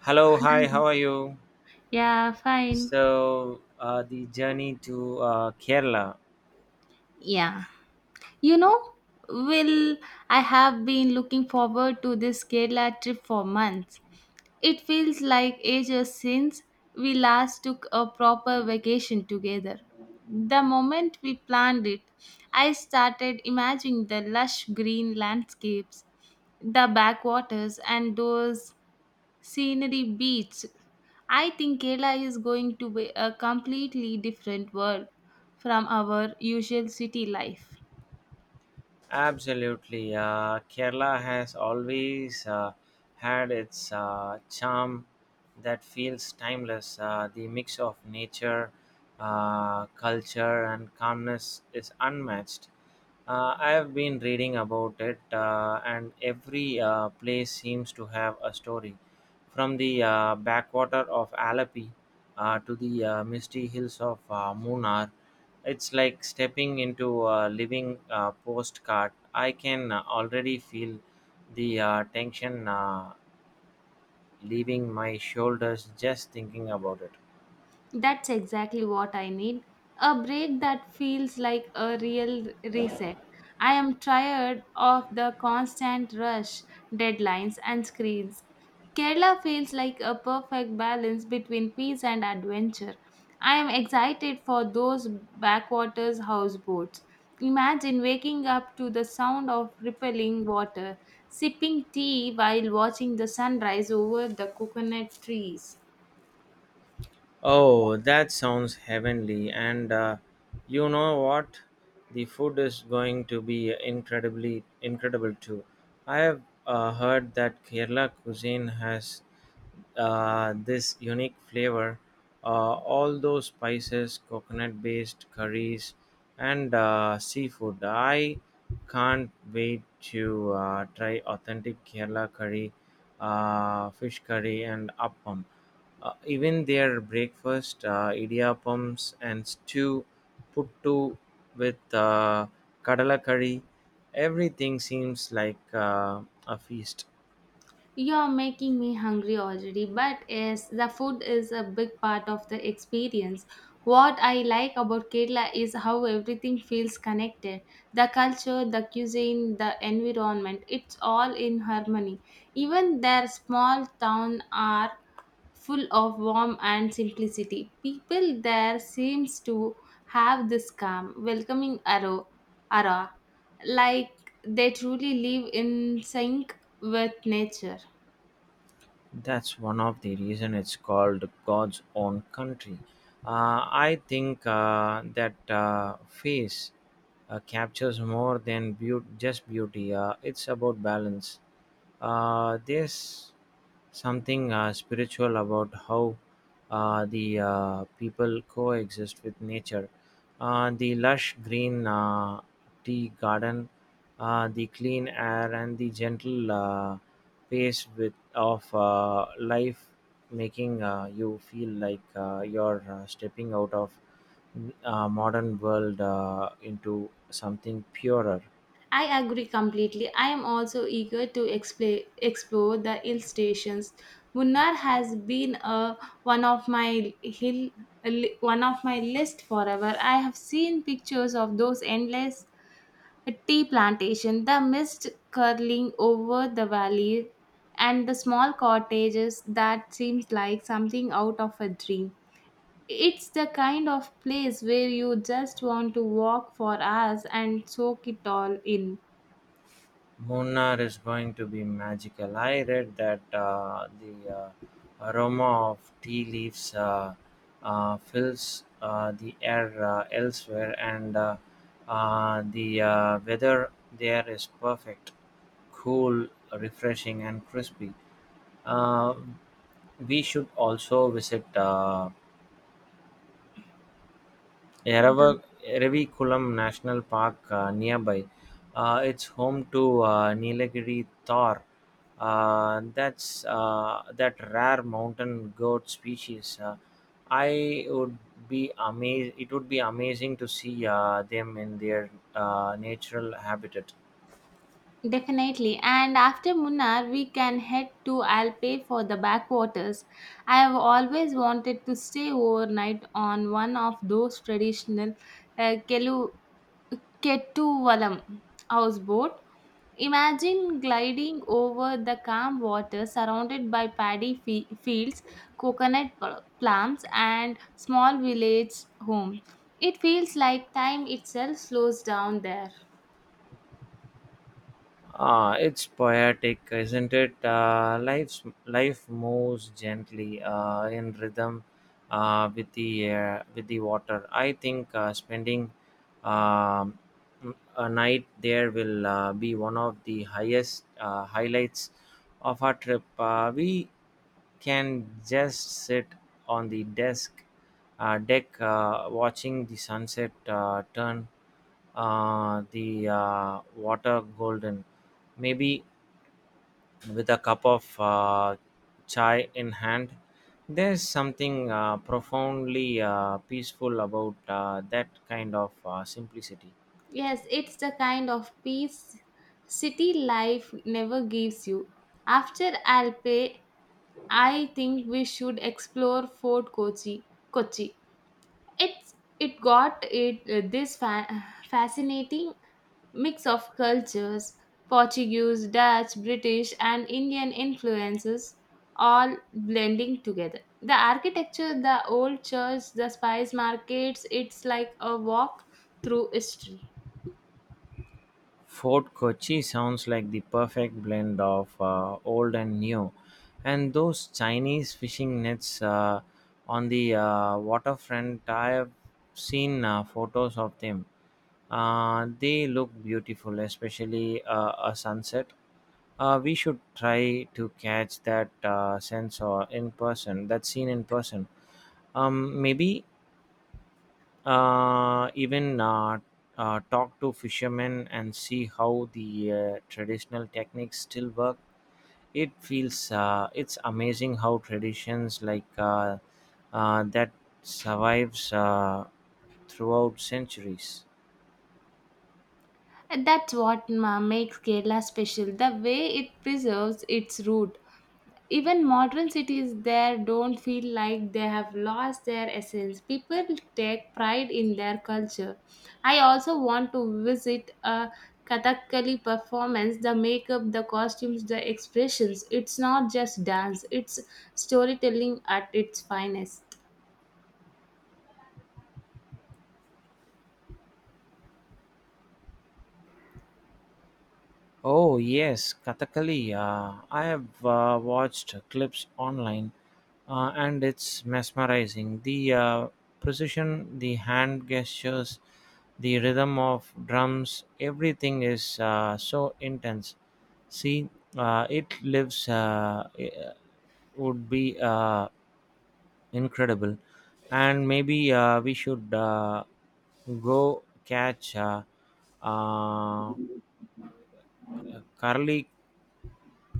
Hello, hi, how are you? Yeah, fine. So, the journey to Kerala. Yeah. You know, Will, I have been looking forward to this Kerala trip for months. It feels like ages since we last took a proper vacation together. The moment we planned it, I started imagining the lush green landscapes, the backwaters, and those scenery beach. I think Kerala is going to be a completely different world from our usual city life. Absolutely. Kerala has always had its charm that feels timeless. The mix of nature, culture, and calmness is unmatched. I have been reading about it, and every place seems to have a story. From the backwater of Alapi to the misty hills of Munnar, it's like stepping into a living postcard. I can already feel the tension leaving my shoulders just thinking about it. That's exactly what I need. A break that feels like a real reset. I am tired of the constant rush, deadlines, and screens. Kerala feels like a perfect balance between peace and adventure. I am excited for those backwaters houseboats. Imagine waking up to the sound of rippling water, sipping tea while watching the sunrise over the coconut trees. Oh, that sounds heavenly. And you know what? The food is going to be incredibly incredible too. I have heard that Kerala cuisine has this unique flavor. All those spices, coconut based curries, and seafood. I can't wait to try authentic Kerala curry, fish curry, and appam. Even their breakfast, idiyappams and stew, puttu with kadala curry, everything seems like a feast. You're making me hungry already, but yes, the food is a big part of the experience. What I like about Kerala is how everything feels connected. The culture, the cuisine, the environment, it's all in harmony. Even their small town are full of warmth and simplicity. People there seems to have this calm, welcoming arrow, aura, like they truly live in sync with nature. That's one of the reason it's called God's own country. I think that face captures more than just beauty. It's about balance. There's something spiritual about how the people coexist with nature. The lush green tea garden, the clean air, and the gentle pace of life, making you feel like you're stepping out of modern world into something purer. I agree completely. I am also eager to explore the hill stations. Munnar has been a, one of my hill one of my list forever. I have seen pictures of those endless tea plantation, the mist curling over the valley, and the small cottages that seems like something out of a dream. It's the kind of place where you just want to walk for hours and soak it all in. Munnar is going to be magical. I read that the aroma of tea leaves fills the air elsewhere, and the weather there is perfect, cool, refreshing, and crispy. Uh, we should also visit Yarava, Eravikulam National Park nearby. It's home to Nilagiri Thor. That's that rare mountain goat species. I would be amazed. It would be amazing to see them in their natural habitat. Definitely. And after Munnar, we can head to Alpe for the backwaters. I have always wanted to stay overnight on one of those traditional uh, Kelu- Kettuvalam houseboat. Imagine gliding over the calm water surrounded by paddy fields, coconut plants, and small village homes. It feels like time itself slows down there. Ah, it's poetic, isn't it? Life moves gently in rhythm with the air, with the water. I think spending um, a night there will be one of the highest highlights of our trip. We can just sit on the desk deck, watching the sunset turn the water golden, maybe with a cup of chai in hand. There's something profoundly peaceful about that kind of simplicity. Yes, it's the kind of peace city life never gives you. After Alpe, I think we should explore Fort Kochi. Kochi. It's it got it this fascinating mix of cultures, Portuguese, Dutch, British, and Indian influences all blending together. The architecture, the old church, the spice markets, it's like a walk through history. Fort Kochi sounds like the perfect blend of old and new. And those Chinese fishing nets on the waterfront, I have seen photos of them. They look beautiful, especially a sunset. We should try to catch that scene in person. Maybe even talk to fishermen and see how the traditional techniques still work. It's amazing how traditions like that survives throughout centuries. And that's what makes Kerala special, the way it preserves its root. Even modern cities there don't feel like they have lost their essence. People take pride in their culture. I also want to visit a Kathakali performance, the makeup, the costumes, the expressions. It's not just dance, it's storytelling at its finest. Oh yes, Kathakali, I have watched clips online, and it's mesmerizing, the precision, the hand gestures. The rhythm of drums, everything is so intense. See, it lives I- would be incredible, and maybe we should go catch uh, Karli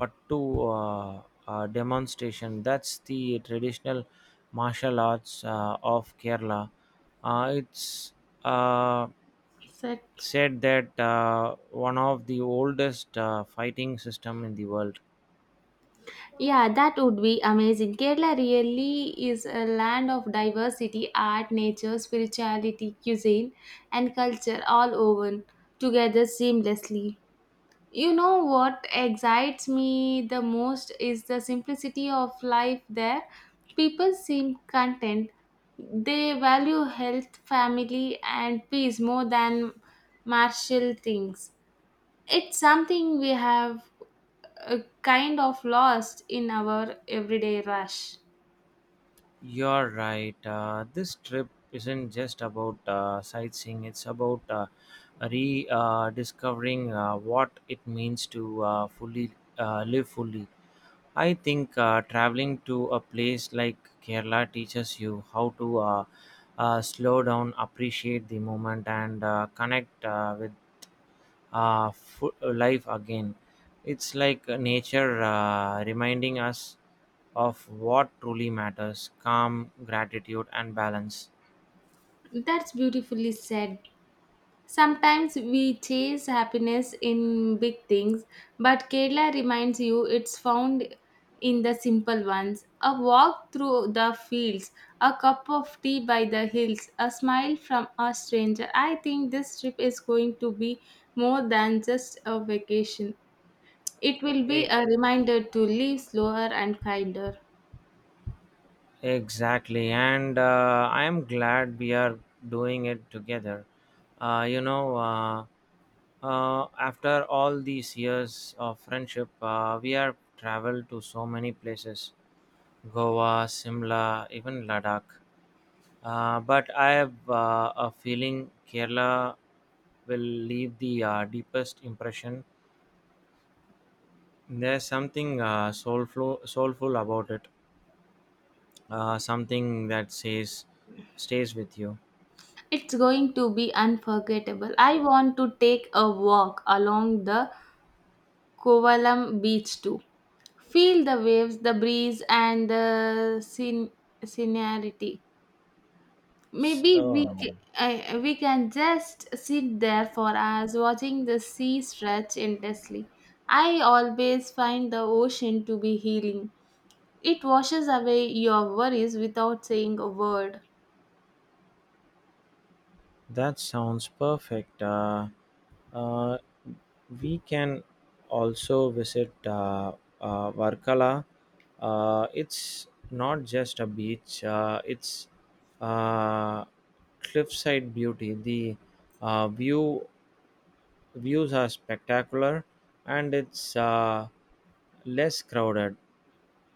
Pattu demonstration. That's the traditional martial arts of Kerala. It's uh, Set. said that one of the oldest fighting system in the world. Yeah, that would be amazing. Kerala really is a land of diversity, art, nature, spirituality, cuisine, and culture all woven together seamlessly. You know what excites me the most is the simplicity of life there. People seem content. They value health, family, and peace more than martial things. It's something we have kind of lost in our everyday rush. You're right. This trip isn't just about sightseeing. It's about rediscovering what it means to fully live fully. I think traveling to a place like Kerala teaches you how to slow down, appreciate the moment, and connect with life again. It's like nature reminding us of what truly matters: calm, gratitude, and balance. That's beautifully said. Sometimes we chase happiness in big things, but Kerala reminds you it's found in the simple ones. A walk through the fields, a cup of tea by the hills, a smile from a stranger. I think this trip is going to be more than just a vacation. It will be E- a reminder to live slower and kinder. Exactly, and I am glad we are doing it together. Uh, you know, uh, after all these years of friendship, we have traveled to so many places: Goa, Simla, even Ladakh. But I have a feeling Kerala will leave the deepest impression. There's something soulful about it. Something that says stays with you. It's going to be unforgettable. I want to take a walk along the Kovalam beach too. Feel the waves, the breeze, and the scenery. Maybe we So, ca- we can just sit there for hours watching the sea stretch endlessly. I always find the ocean to be healing. It washes away your worries without saying a word. That sounds perfect. Uh, we can also visit Varkala. It's not just a beach, it's uh, cliffside beauty. The uh, view views are spectacular and it's less crowded.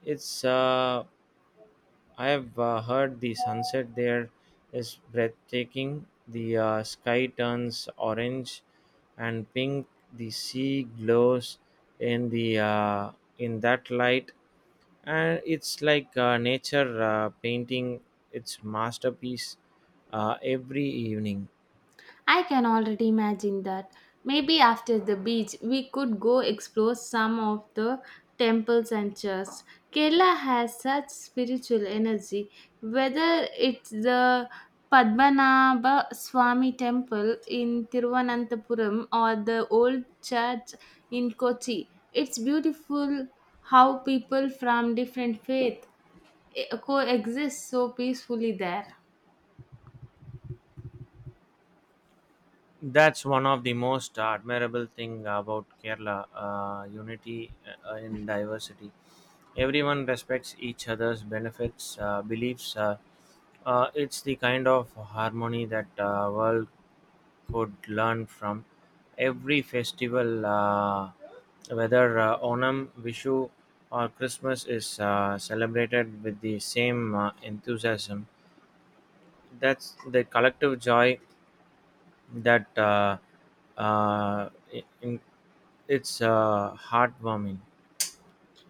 It's I have heard the sunset there is breathtaking. The sky turns orange and pink. The sea glows in the uh, in that light, and it's like nature painting its masterpiece every evening. I can already imagine that. Maybe after the beach, we could go explore some of the temples and churches. Kerala has such spiritual energy, whether it's the Padmanabha Swami temple in Tiruvananthapuram or the old church in Kochi. It's beautiful how people from different faith coexist so peacefully there. That's one of the most admirable thing about Kerala, unity in diversity. Everyone respects each other's beliefs. It's the kind of harmony that world could learn from. Every festival, whether Onam, Vishu, or Christmas, is celebrated with the same enthusiasm. That's the collective joy. That uh, uh, i- in, it's heartwarming.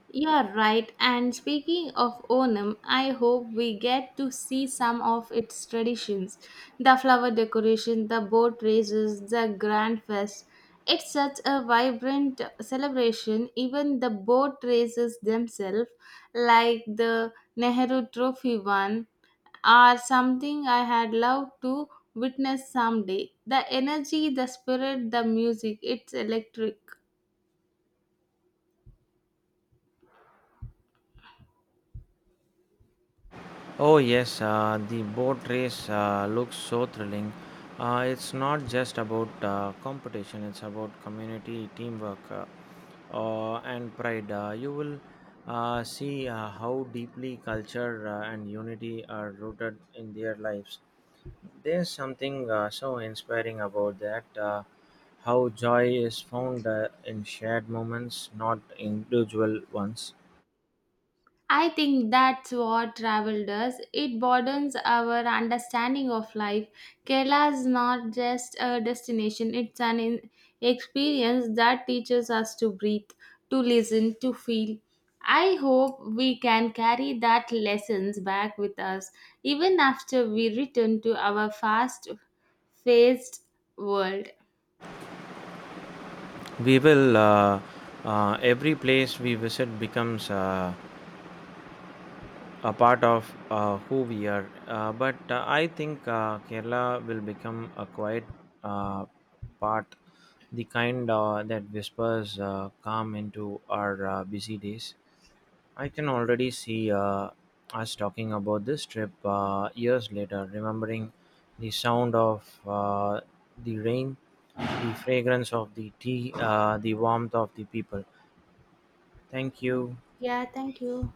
You're right. And speaking of Onam, I hope we get to see some of its traditions, the flower decoration, the boat races, the grand fest. It's such a vibrant celebration, even the boat races themselves, like the Nehru Trophy one, are something I had loved to witness someday. The energy, the spirit, the music, it's electric. Oh yes, the boat race looks so thrilling. It's not just about competition; it's about community, teamwork, and pride. You will see how deeply culture and unity are rooted in their lives. There's something so inspiring about that. How joy is found in shared moments, not individual ones. I think that's what travel does. It broadens our understanding of life. Kerala is not just a destination, it's an experience that teaches us to breathe, to listen, to feel. I hope we can carry that lessons back with us even after we return to our fast-paced world. We will. Every place we visit becomes a part of who we are. But I think Kerala will become a quiet uh, part, the kind that whispers calm into our busy days. I can already see us talking about this trip years later, remembering the sound of the rain, the fragrance of the tea, the warmth of the people. Thank you. Yeah, thank you.